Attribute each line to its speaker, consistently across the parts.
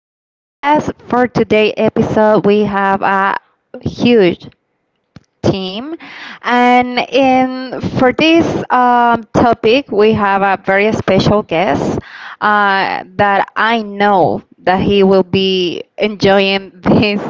Speaker 1: podcast. For today's episode, we have a huge team, and in for this topic, we have a very special guest that I know that he will be enjoying this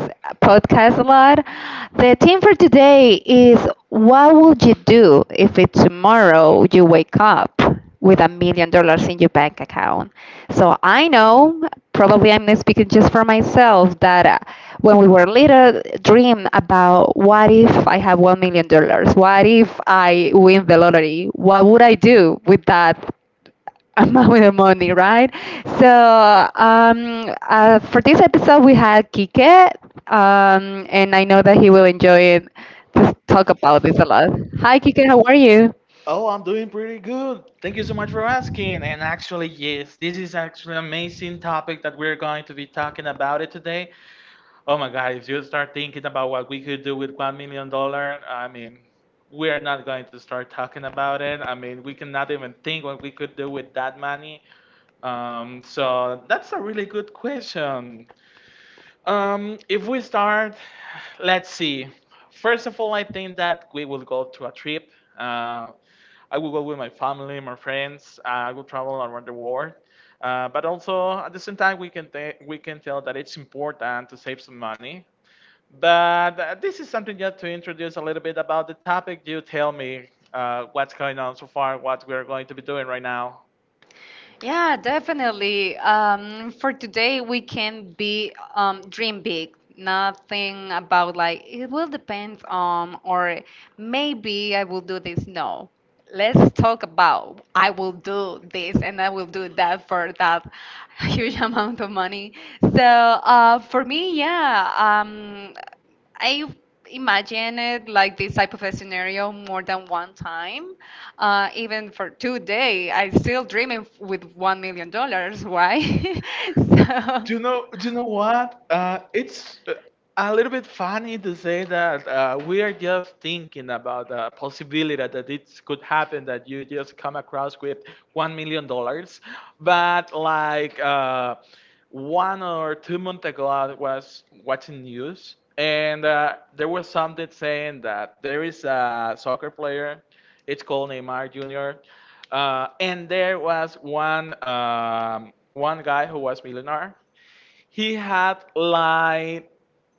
Speaker 1: podcast a lot. The theme for today is: What would you do if it tomorrow you wake up with $1 million in your bank account? So I know, probably I'm not speaking just for myself, that when we were little, dream about what if I have $1 million? What if I win the lottery? What would I do with that amount of money, right? So for this episode, we had Kike, and I know that he will enjoy it. Just talk about this a lot. Hi, Kike, how are you?
Speaker 2: Oh, I'm doing pretty good. Thank you so much for asking. And actually, yes, this is actually an amazing topic that we're going to be talking about it today. Oh my God, if you start thinking about what we could do with $1 million, I mean, we are not going to start talking about it. I mean, we cannot even think what we could do with that money. So that's a really good question. If we start, let's see. First of all, I think that we will go to a trip. Uh, I will go with my family, my friends. I will travel around the world. But also at the same time, we can tell that it's important to save some money. But this is something just to introduce a little bit about the topic. You tell me what's going on so far, what we're going to be doing right now.
Speaker 1: Yeah, definitely. For today, we can be dream big. Nothing about like it will depend on, or maybe I will do this. No, let's talk about I will do this and I will do that for that huge amount of money. So, for me, yeah, I imagine it like this type of a scenario more than one time. Even for today, I still dreaming with $1 million. Why? So,
Speaker 2: Do you know? Do you know what? It's a little bit funny to say that we are just thinking about the possibility that it could happen that you just come across with $1 million, but like 1 or 2 months ago, I was watching news and there was something saying that there is a soccer player. It's called Neymar Jr. And there was one guy who was millionaire. He had like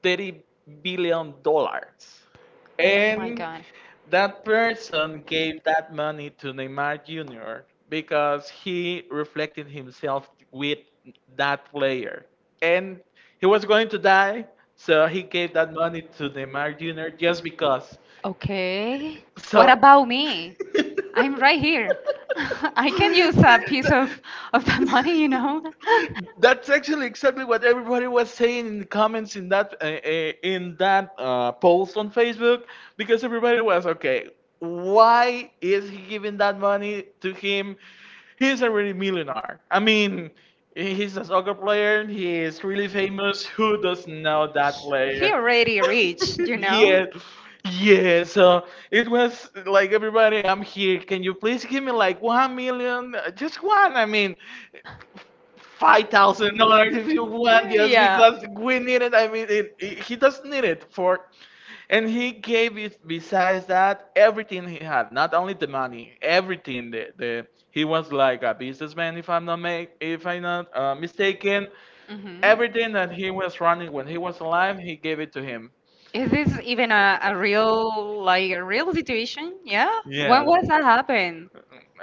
Speaker 2: $30 billion.
Speaker 1: oh my
Speaker 2: And
Speaker 1: God.
Speaker 2: that person gave that money to Neymar Jr. because he reflected himself with that player. And he was going to die, so he gave that money to Neymar Jr. just because.
Speaker 1: Okay. What
Speaker 2: So
Speaker 1: about me? I'm right here. I can use a piece of that money.
Speaker 2: that's actually exactly what everybody was saying in the comments in that post on Facebook, because everybody was okay. Why is he giving that money to him? He's already a really millionaire. I mean, he's a soccer player. He is really famous. Who doesn't know that
Speaker 1: He
Speaker 2: player?
Speaker 1: already rich, you
Speaker 2: Yeah,
Speaker 1: know.
Speaker 2: yeah. So it was like everybody, I'm here. Can you please give me like 1 million? Just one. I mean, $5,000 if you want, just
Speaker 1: Yeah.
Speaker 2: because we need it. I mean, he does need it, for, and he gave it, besides that, everything he had, not only the money, everything. The He was like a businessman, if I'm not mistaken.
Speaker 1: Mhm.
Speaker 2: Everything that he was running when he was alive, he gave it to him.
Speaker 1: Is this even a real like a real situation? Yeah. When
Speaker 2: Yeah.
Speaker 1: was that happen?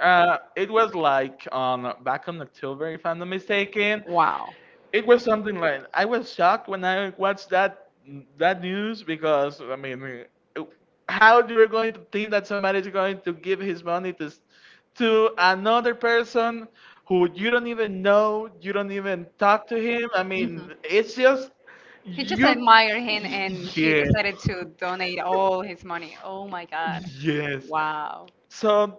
Speaker 2: It was like on back on October, if I'm not mistaken.
Speaker 1: Wow.
Speaker 2: It was something like, I was shocked when I watched that that news, because, I mean, uh, how you are going to think that somebody is going to give his money to another person who you don't even know, you don't even talk to him? I
Speaker 1: Mhm.
Speaker 2: mean, it's just
Speaker 1: He just
Speaker 2: you.
Speaker 1: admired him and she
Speaker 2: Yeah.
Speaker 1: decided to donate all his money. Oh my God.
Speaker 2: Yes.
Speaker 1: Wow.
Speaker 2: So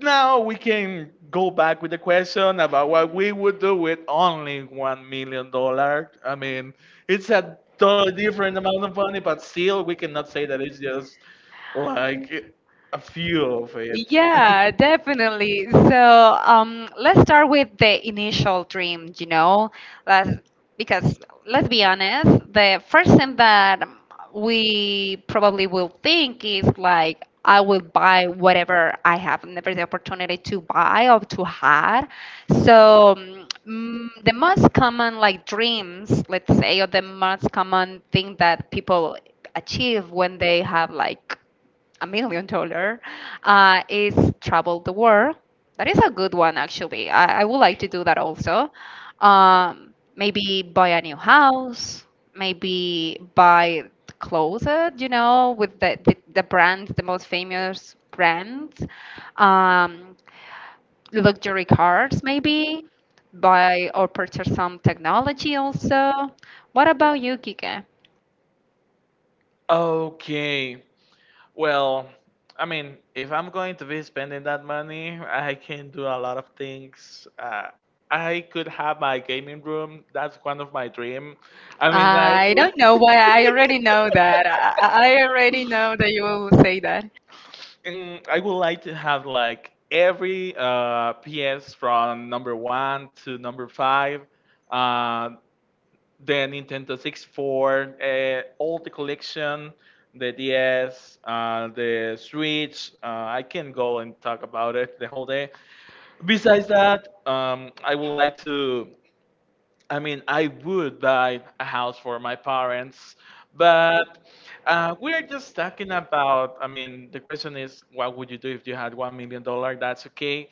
Speaker 2: now we can go back with the question about what we would do with only $1 million. I mean, it's a totally different amount of money, but still, we cannot say that it's just like a few of it.
Speaker 1: Yeah, definitely. So, let's start with the initial dream, let's, because let's be honest, the first thing that we probably will think is like, I will buy whatever I have never the opportunity to buy or to have. So, the most common like dreams, let's say, or the most common thing that people achieve when they have like $1 million is travel the world. That is a good one, actually. I would like to do that also. Maybe buy a new house, maybe buy clothes, with the brands, the most famous brands, um, luxury cars, maybe buy or purchase some technology also. What about you, Kike?
Speaker 2: Okay, well, I mean, if I'm going to be spending that money, I can do a lot of things. I could have my gaming room. That's one of my dream. I mean, I
Speaker 1: I don't know why I already know that. I already know that you will say that.
Speaker 2: and I would like to have like every PS from number one to number five. Uh, the Nintendo 64, all the collection, the DS, the Switch. I can go and talk about it the whole day. Besides that, I would like to. I mean, I would buy a house for my parents, but we are just talking about. I mean, the question is, what would you do if you had $1 million? That's okay.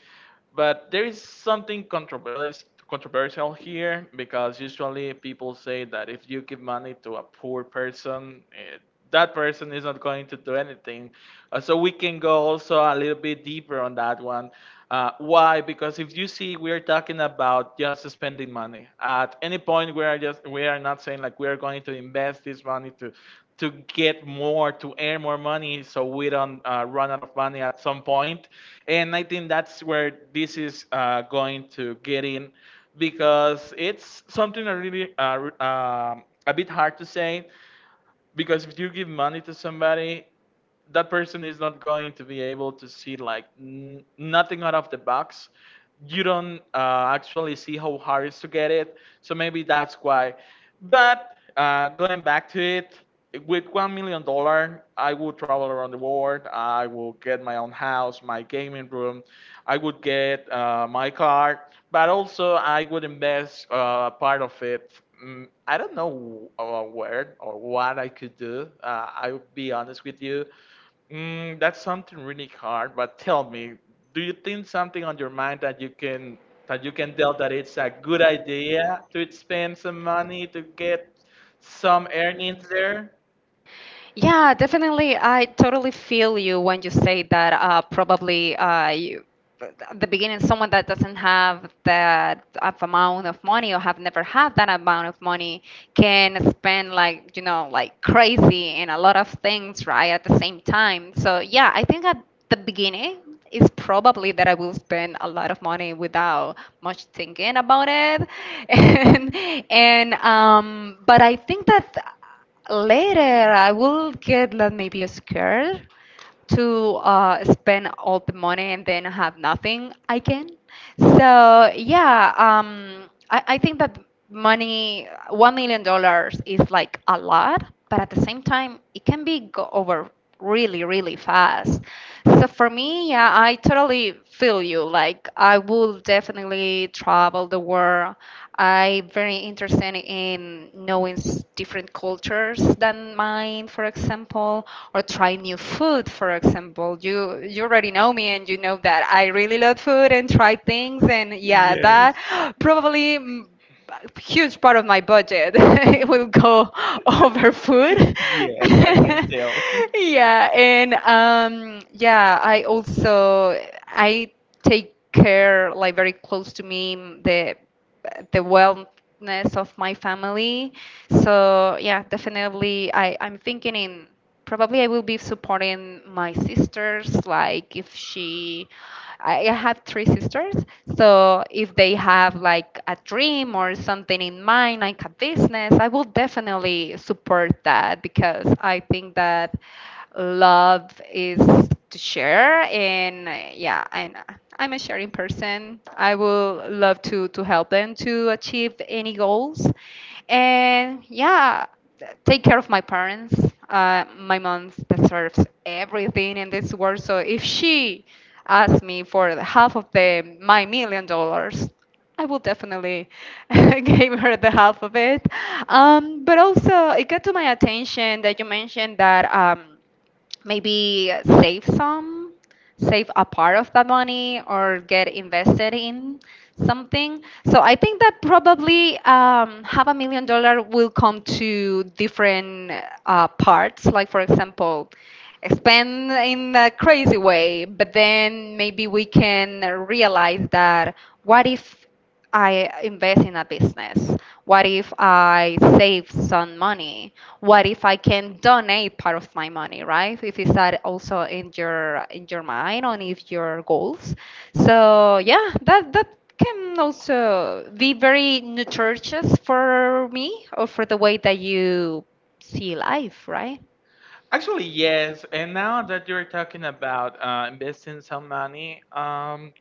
Speaker 2: But there is something controversial here, because usually people say that if you give money to a poor person, that person is not going to do anything. So we can go also a little bit deeper on that one. Why? Because if you see, we are talking about just spending money. At any point, we are not saying like we are going to invest this money to get more, to earn more money, so we don't run out of money at some point. And I think that's where this is going to get in, because it's something I really a bit hard to say, because if you give money to somebody, that person is not going to be able to see, like, nothing out of the box. You don't actually see how hard it is to get it, so maybe that's why. But going back to it, with $1 million, I would travel around the world, I will get my own house, my gaming room, I would get my car, but also I would invest part of it. I don't know where or what I could do. I would be honest with you. That's something really hard, but tell me, do you think something on your mind that you can, that you can tell that it's a good idea to spend some money to get some earnings there?
Speaker 1: Yeah, definitely. I totally feel you when you say that. Probably you, at the beginning, someone that doesn't have that of amount of money or have never had that amount of money can spend like like crazy in a lot of things, right? At the same time. So yeah, I think at the beginning it's probably that I will spend a lot of money without much thinking about it, and and but I think that later I will get like maybe scared to spend all the money and then have nothing again. So yeah, I think that money, $1 million is like a lot, but at the same time, it can be go over really, really fast. So for me, yeah, I totally feel you. Like I will definitely travel the world. I very interested in knowing different cultures than mine, for example, or try new food, for example. You already know me and you know that I really love food and try things. And yeah, that probably a huge part of my budget, it will go over food.
Speaker 2: Yes, I can tell.
Speaker 1: Yeah, and yeah, I also, I take care like very close to me, the wellness of my family. So yeah, definitely I'm thinking in probably I will be supporting my sisters. Like if she, I have three sisters, so if they have like a dream or something in mind, like a business, I will definitely support that because I think that love is to share. And yeah, and I'm a sharing person. I will love to help them to achieve any goals. And yeah, take care of my parents. My mom deserves everything in this world. So if she asked me for the half of the my million dollars, I will definitely give her the half of it. But also, it got to my attention that you mentioned that. Maybe save some save a part of that money or get invested in something. So I think that probably half $1 million will come to different parts. Like, for example, spend in a crazy way, but then maybe we can realize that what if I invest in a business? What if I save some money? What if I can donate part of my money, right? If is that also in your mind on if your goals. So yeah, that can also be very nutritious for me or for the way that you see life, right?
Speaker 2: Actually, yes. And now that you're talking about investing some money,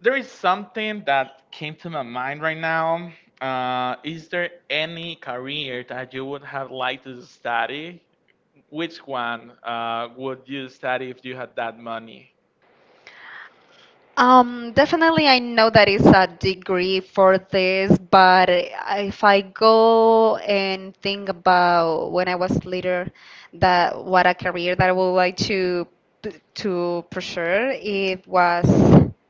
Speaker 2: there is something that came to my mind right now. Is there any career that you would have liked to study? Which one would you study if you had that money?
Speaker 1: Definitely, I know that it's a degree for this, but if I go and think about when I was later, that what a career that I would like to to pursue, it was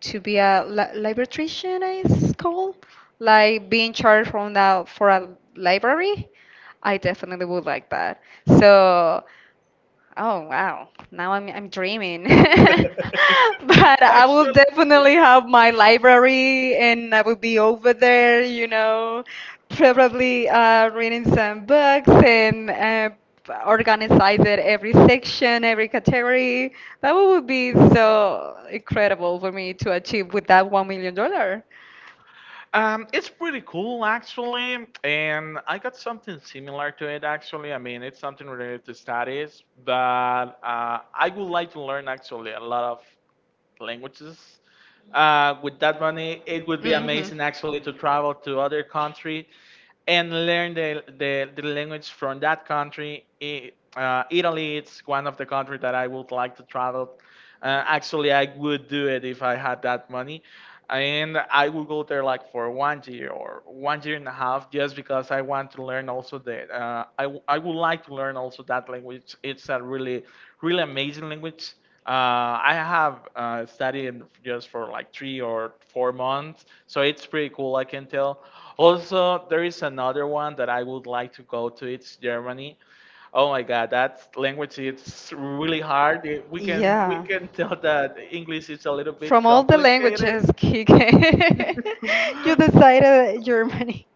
Speaker 1: to be a librarian, it's called, like being charged from that for a library. I definitely would like that. So, oh wow. Now I'm dreaming. But I will
Speaker 2: Actually,
Speaker 1: definitely have my library and I will be over there, probably reading some books and organize it every section, every category. That would be so incredible for me to achieve with that $1 million.
Speaker 2: it's pretty cool, actually, and I got something similar to it actually. I mean, it's something related to studies, but I would like to learn actually a lot of languages. With that money, it would be amazing actually to travel to other country and learn the language from that country. Italy, it's one of the countries that I would like to travel. Actually, I would do it if I had that money. And I would go there like for 1 year or 1 year and a half, just because I want to learn also I would like to learn also that language. It's a really, really amazing language. I have studied in just for like 3 or 4 months, so it's pretty cool, I can tell. Also, there is another one that I would like to go to. It's Germany. Oh my God, that language it's really hard. Eh, We can we
Speaker 1: Yeah.
Speaker 2: can tell that English is a little
Speaker 1: From
Speaker 2: bit
Speaker 1: all the languages,
Speaker 2: complicated.
Speaker 1: Kike, you decided Germany.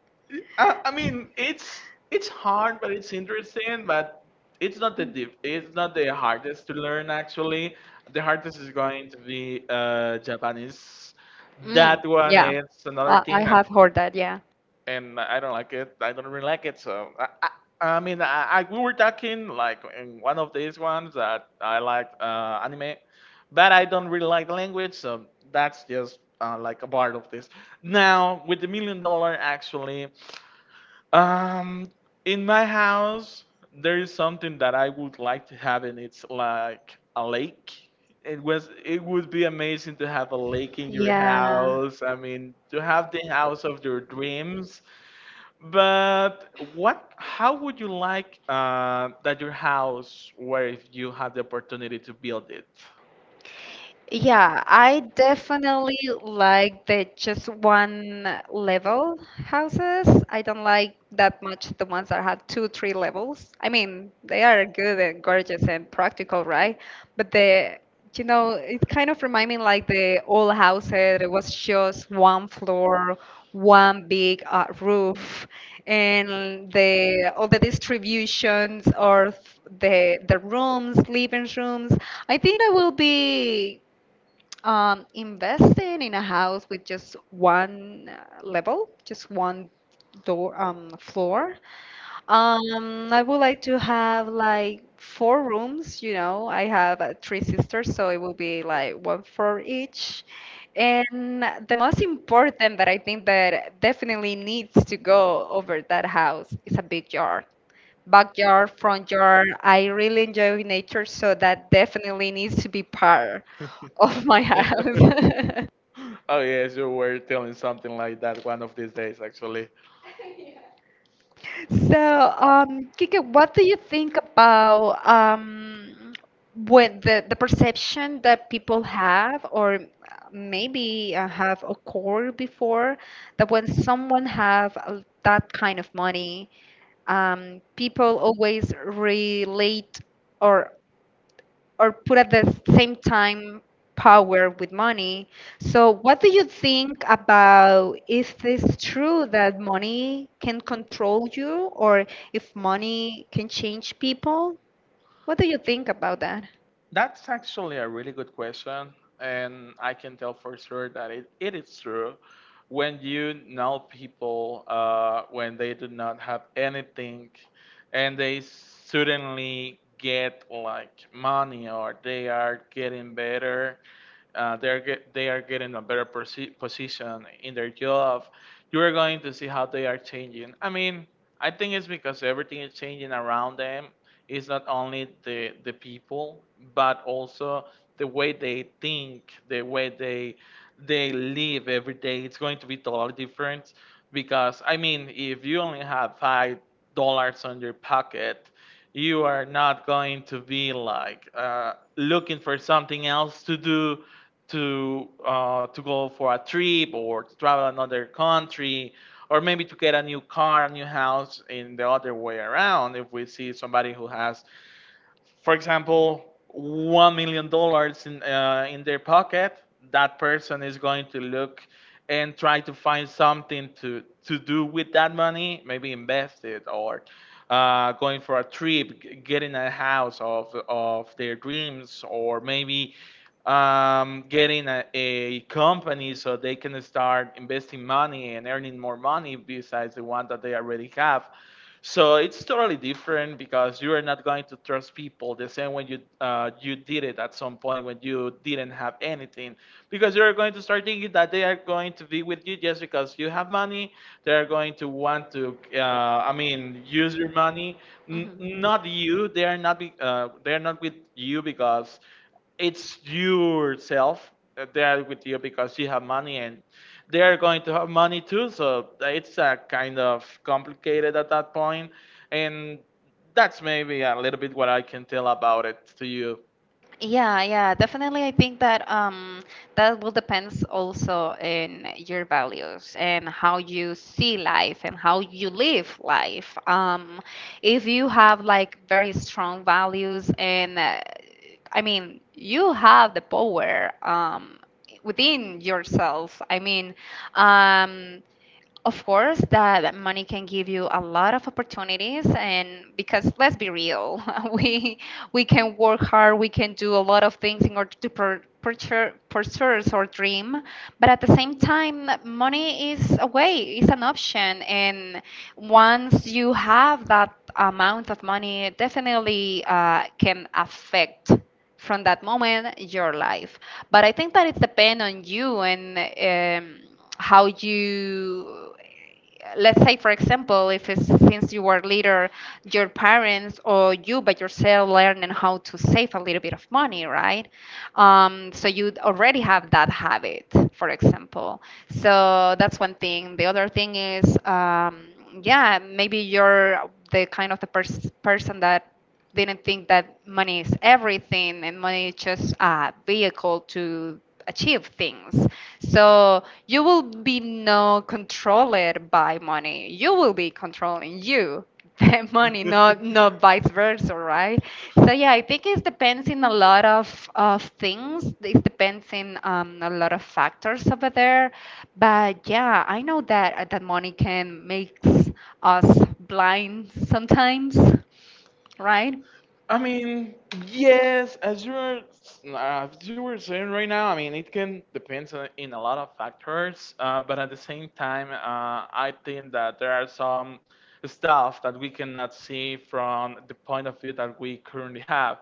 Speaker 2: I mean, it's hard, but it's interesting. But it's not the diff, it's not the hardest to learn actually. The hardest is going to be Japanese.
Speaker 1: Mm,
Speaker 2: That one
Speaker 1: yeah,
Speaker 2: is another
Speaker 1: I
Speaker 2: thing, and
Speaker 1: have heard that. Yeah,
Speaker 2: and I don't like it. I don't really like it. So I mean, I we were talking like in one of these ones that I like anime, but I don't really like the language. So that's just like a part of this. Now with the million dollar, actually, um, in my house there is something that I would like to have, and it's like a lake. It would be amazing to have a lake in your
Speaker 1: yeah,
Speaker 2: house. I mean, to have the house of your dreams, but what? How would you like that your house were if you had the opportunity to build it?
Speaker 1: yeah, I definitely like the just one level houses. I don't like that much the ones that have two, three levels. I mean, they are good and gorgeous and practical, right? But it kind of remind me like the old houses. It was just one floor, one big roof, and the all the distributions or the rooms, living rooms. I think that will be investing in a house with just one level, just one door, floor. I would like to have like four rooms. I have three sisters, so it will be like one for each. And the most important that I think that definitely needs to go over that house is a big yard backyard, front yard. I really enjoy nature, so that definitely needs to be part of my house.
Speaker 2: Oh yes, you were telling something like that one of these days. Actually,
Speaker 1: So, Kika, what do you think about with the perception that people have, or maybe have occurred before, that when someone have that kind of money, people always relate or or put at the same time power with money. So, what do you think about if this true that money can control you or if money can change people? What do you think about that?
Speaker 2: that's actually a really good question, and I can tell for sure that it is true. When you know people, when they do not have anything, and they suddenly get like money, or they are getting better, they are getting a better position in their job, you are going to see how they are changing. I mean, I think it's because everything is changing around them. It's not only the people, but also the way they think, the way they live every day. It's going to be totally different, because, I mean, if you only have $5 on your pocket, you are not going to be like looking for something else to do, to go for a trip or to travel another country, or maybe to get a new car, a new house. In the other way around, if we see somebody who has, for example, $1 million in their pocket, that person is going to look and try to find something to do with that money. Maybe invest it, or. Going for a trip, getting a house of their dreams, or maybe getting a company so they can start investing money and earning more money besides the one that they already have. So it's totally different because you are not going to trust people the same way you you did it at some point when you didn't have anything, because you are going to start thinking that they are going to be with you just because you have money. They are going to want to, I mean, use your money.
Speaker 1: Mhm.
Speaker 2: Not you. They are not. They are not with you because it's yourself, that they are with you because you have money and they are going to have money too, so it's kind of complicated at that point. And that's maybe a little bit what I can tell about it to you.
Speaker 1: Yeah, yeah, definitely. I think that that will depends also in your values and how you see life and how you live life. If you have like very strong values and I mean, you have the power within yourself. I mean, um, of course that money can give you a lot of opportunities, and because let's be real, we we can work hard, we can do a lot of things in order to pur- purchase pursue our dream. But at the same time, money is a way, is an option. And once you have that amount of money, it definitely can affect from that moment your life. But I think that it depends on you, and um, how you, let's say, for example, if it's since you were little, your parents or you by yourself learning how to save a little bit of money, right? So you already have that habit, for example. So that's one thing. The other thing is, yeah, maybe you're the kind of the person that didn't think that money is everything and money is just a vehicle to achieve things. So you will be no controlled by money. You will be controlling you by money, not vice versa, right? So yeah, I think it depends in a lot of things. It depends in a lot of factors over there. But yeah, I know that that money can makes us blind sometimes, right?
Speaker 2: I mean, yes, as you were saying right now, I mean, it can depends on, in a lot of factors, but at the same time, I think that there are some stuff that we cannot see from the point of view that we currently have.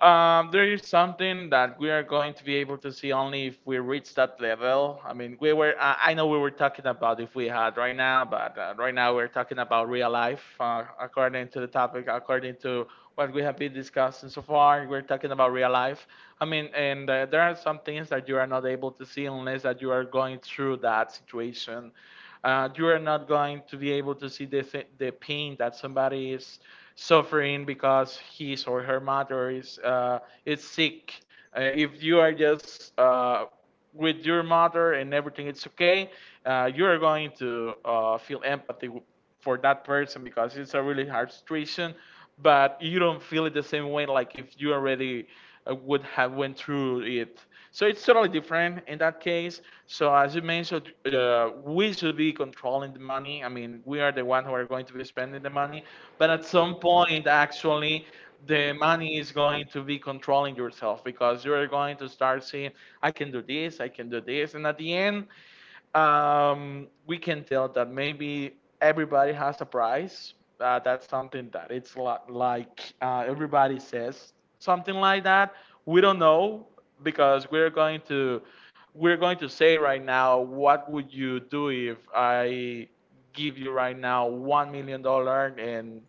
Speaker 2: There is something that we are going to be able to see only if we reach that level. I mean, we were, I know we were talking about if we had right now, but right now we're talking about real life, according to the topic, according to what we have been discussing so far. We're talking about real life. I mean, and there are some things that you are not able to see unless that you are going through that situation. You are not going to be able to see the, the pain that somebody is suffering because his or her mother is sick. If you are just with your mother and everything it's okay, you are going to feel empathy for that person because it's a really hard situation. But you don't feel it the same way like if you already would have went through it. So it's totally different in that case. So as you mentioned, we should be controlling the money. I mean, we are the one who are going to be spending the money. But at some point, actually, the money is going to be controlling yourself because you're going to start saying, I can do this, I can do this. And at the end, we can tell that maybe everybody has a price. That's something that it's like everybody says something like that. We don't know because we're going to say right now, what would you do if I give you right now $1 million and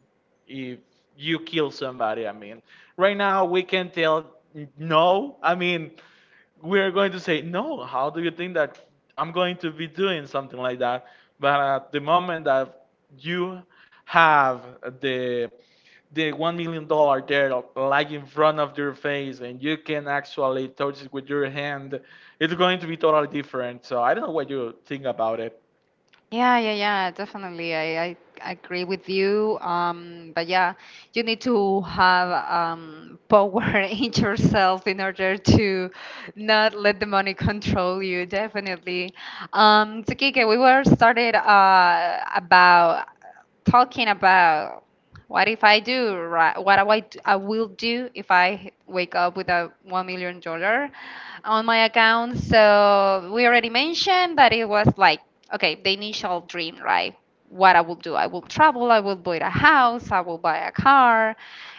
Speaker 2: if you kill somebody. I mean, right now we can tell no. I mean, we're going to say, no, how do you think that I'm going to be doing something like that? But at the moment that you have the the $1 million there like in front of your face and you can actually touch it with your hand, it's going to be totally different. So I don't know what you think about it.
Speaker 1: Yeah, yeah, yeah, definitely. I agree with you. But yeah, you need to have power in yourself in order to not let the money control you, definitely. So, Kike, we were started about talking about what if I do, right? What I, I will do if I wake up with a $1 million on my account. So we already mentioned that it was like okay, the initial dream, right? What I will do, I will travel, I will buy a house, I will buy a car.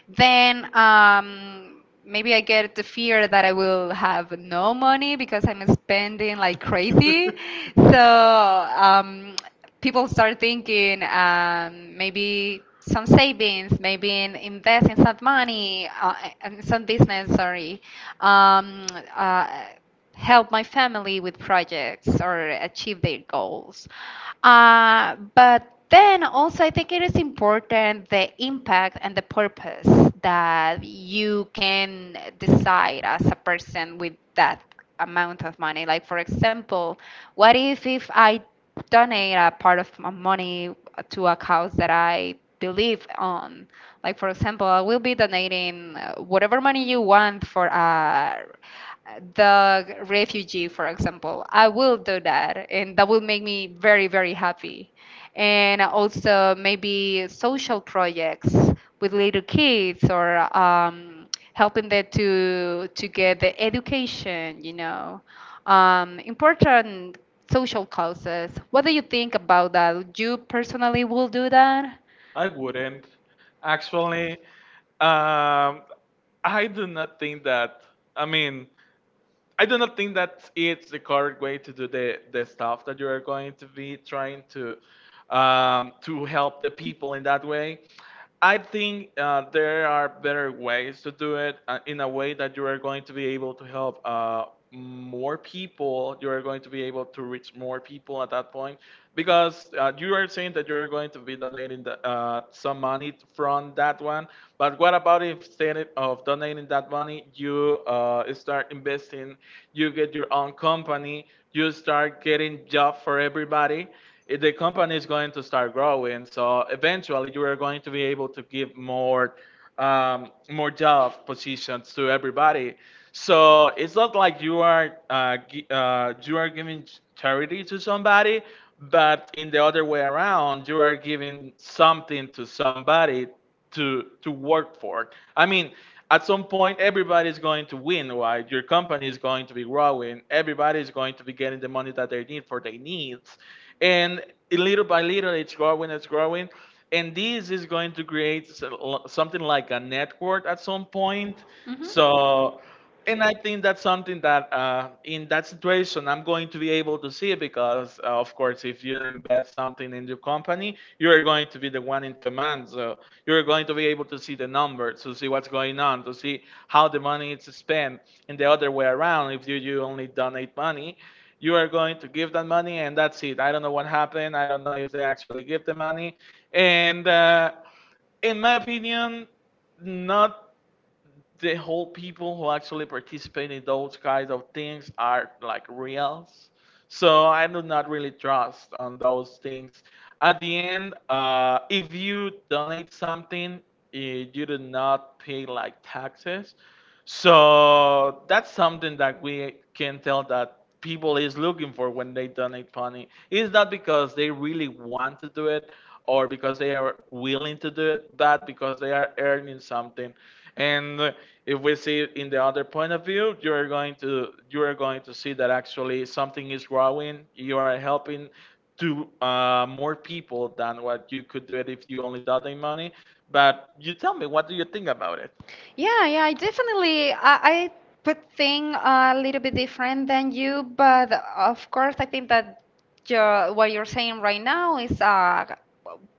Speaker 1: Then maybe I get the fear that I will have no money because I'm spending like crazy. So um, people start thinking maybe some savings, maybe in invest in some money, in some business, sorry. Um, uh, Help my family with projects or achieve their goals. But then also, I think it is important the impact and the purpose that you can decide as a person with that amount of money. Like, for example, what if I donate a part of my money to a cause that I believe on? Like, for example, I will be donating whatever money you want for a the refugee, for example. I will do that, and that will make me very, very happy. And also maybe social projects with little kids or helping them to get the education, important social causes. What do you think about that? You personally will do that?
Speaker 2: I wouldn't. Actually, um, I do not think that. I mean, I do not think that it's the correct way to do the stuff that you are going to be trying to help the people in that way. I think there are better ways to do it in a way that you are going to be able to help more people. You are going to be able to reach more people at that point because you are saying that you are going to be donating the, some money from that one. But what about if instead of donating that money, you start investing, you get your own company, you start getting job for everybody, the company is going to start growing. So eventually, you are going to be able to give more more job positions to everybody. So it's not like you are you are giving charity to somebody, but in the other way around, you are giving something to somebody to work for. I mean, at some point, everybody's going to win, right? Your company is going to be growing. Everybody's going to be getting the money that they need for their needs, and little by little it's growing, it's growing, and this is going to create something like a network at some point.
Speaker 1: Mhm.
Speaker 2: So and I think that's something that in that situation I'm going to be able to see because of course if you invest something in your company you're going to be the one in command, so you're going to be able to see the numbers, to see what's going on, to see how the money is spent. And the other way around, if you, you only donate money, you are going to give that money and that's it. I don't know what happened, I don't know if they actually give the money. And in my opinion, not the whole people who actually participate in those kinds of things are like reals. So I do not really trust on those things. At the end, if you donate something, you do not pay like taxes. So that's something that we can tell that people is looking for when they donate money. It's not because they really want to do it or because they are willing to do it, but because they are earning something. And if we see it in the other point of view, you are going to you are going to see that actually something is growing. You are helping to more people than what you could do it if you only donate money. But you tell me, what do you think about it?
Speaker 1: Yeah, yeah, I definitely I put thing a little bit different than you, but of course I think that your, what you're saying right now is a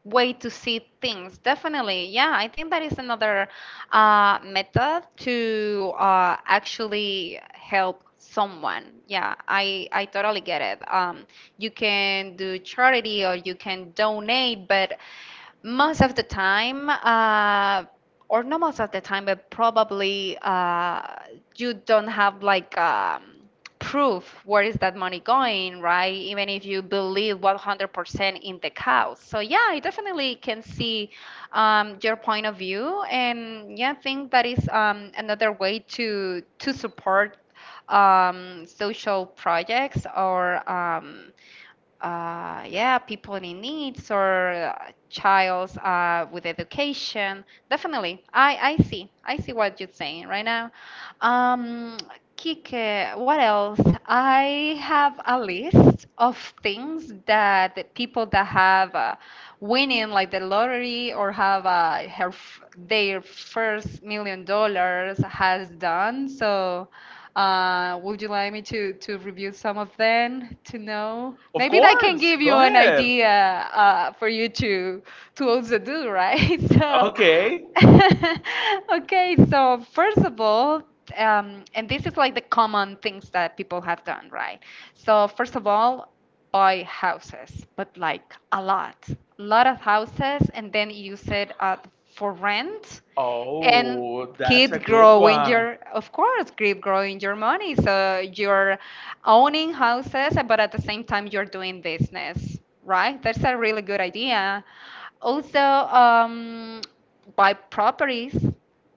Speaker 1: way to see things. Definitely, yeah, I think that is another method to actually help someone. Yeah, I totally get it. You can do charity or you can donate, but most of the time, or not most of the time, but probably you don't have like proof where is that money going, right? Even if you believe 100% in the cows. So yeah, I definitely can see your point of view, and yeah, I think that is another way to support social projects or yeah, people in needs or childs with education. Definitely, I see. I see what you're saying right now. Um, Kike, what else? I have a list of things that the people that have winning like the lottery or have their first $1 million has done. So would you like me to review some of them to know?
Speaker 2: Of
Speaker 1: Maybe that can
Speaker 2: course,
Speaker 1: give you
Speaker 2: go
Speaker 1: an
Speaker 2: ahead.
Speaker 1: idea for you to also do, right? So,
Speaker 2: Okay.
Speaker 1: okay. So first of all, and this is like the common things that people have done, right? So first of all, buy houses, but like a lot, lot of houses, and then use it for rent and
Speaker 2: Oh, that's a
Speaker 1: keep
Speaker 2: good
Speaker 1: growing
Speaker 2: one.
Speaker 1: your, of course, keep growing your money. So you're owning houses, but at the same time, you're doing business, right? That's a really good idea. Also, buy properties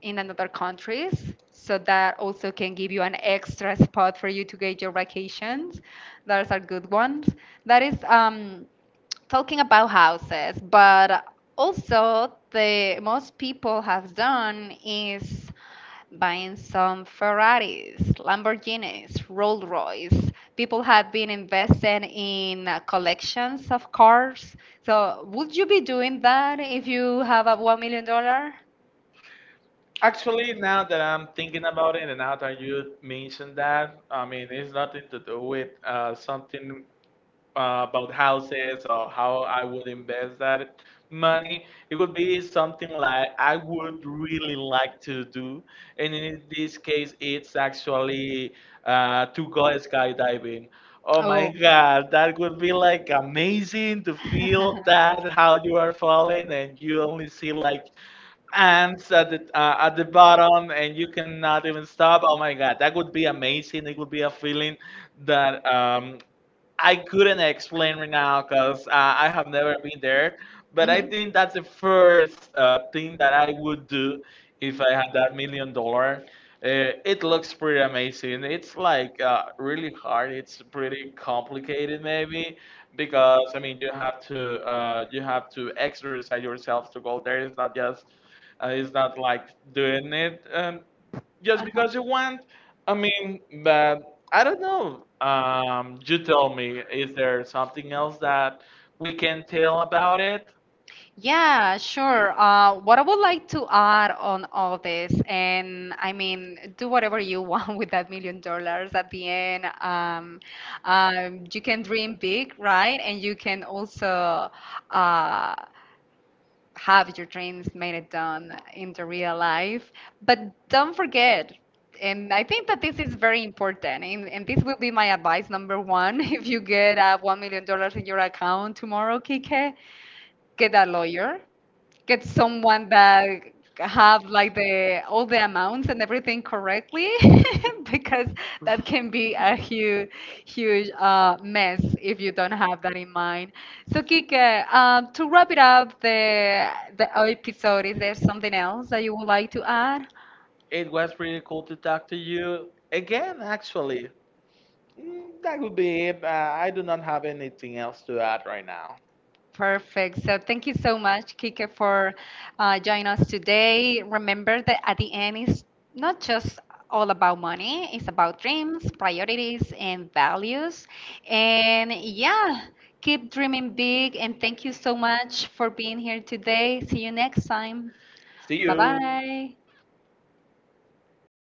Speaker 1: in another countries so that also can give you an extra spot for you to get your vacations. Those are good ones. That is talking about houses, but also the most people have done is buying some Ferraris, Lamborghinis, Rolls Royce. People have been investing in collections of cars. So would you be doing that if you have a $1 million
Speaker 2: Actually, now that I'm thinking about it, and now that you mentioned that, I mean, it's nothing to do with something about houses or how I would invest that money. It would be something like I would really like to do, and in this case, it's actually to go skydiving. Oh my God, that would be like amazing to feel that how you are falling and you only see like ants at the bottom and you cannot even stop. Oh my God, that would be amazing. It would be a feeling that I couldn't explain right now
Speaker 1: it
Speaker 2: because I have never been there. But I think that's the
Speaker 1: hmm.
Speaker 2: first thing that I would do if I had that $1 million. It looks pretty amazing. It's like really hard. It's pretty complicated, maybe, because I mean you have to exercise yourself to go there. It's not just it's not like doing it just because you want. I mean, but I don't know. You tell me, is there something else that we can tell about it?
Speaker 1: Yeah, sure. What I would like to add on all this, and I mean, do whatever you want with that $1 million at the end. You can dream big, right? And you can also uh, have your dreams made it done in the real life. But don't forget, and I think that this is very important, and, this will be my advice number one. If you get $1 million dollars in your account tomorrow, Kike, get a lawyer, get someone that have like the all the amounts and everything correctly, because that can be a huge, huge mess if you don't have that in mind. So Kike, to wrap it up, the episode, is there something else that you would like to add?
Speaker 2: It was pretty cool to talk to you again, actually. Mm, that would be it. I do not have anything else to add right now.
Speaker 1: Perfect. So thank you so much, Kike, for joining us today. Remember that at the end, it's not just all about money, it's about dreams, priorities, and values. And yeah, keep dreaming big. And thank you so much for being here today. See you next time.
Speaker 2: See
Speaker 1: Bye
Speaker 2: you.
Speaker 1: bye.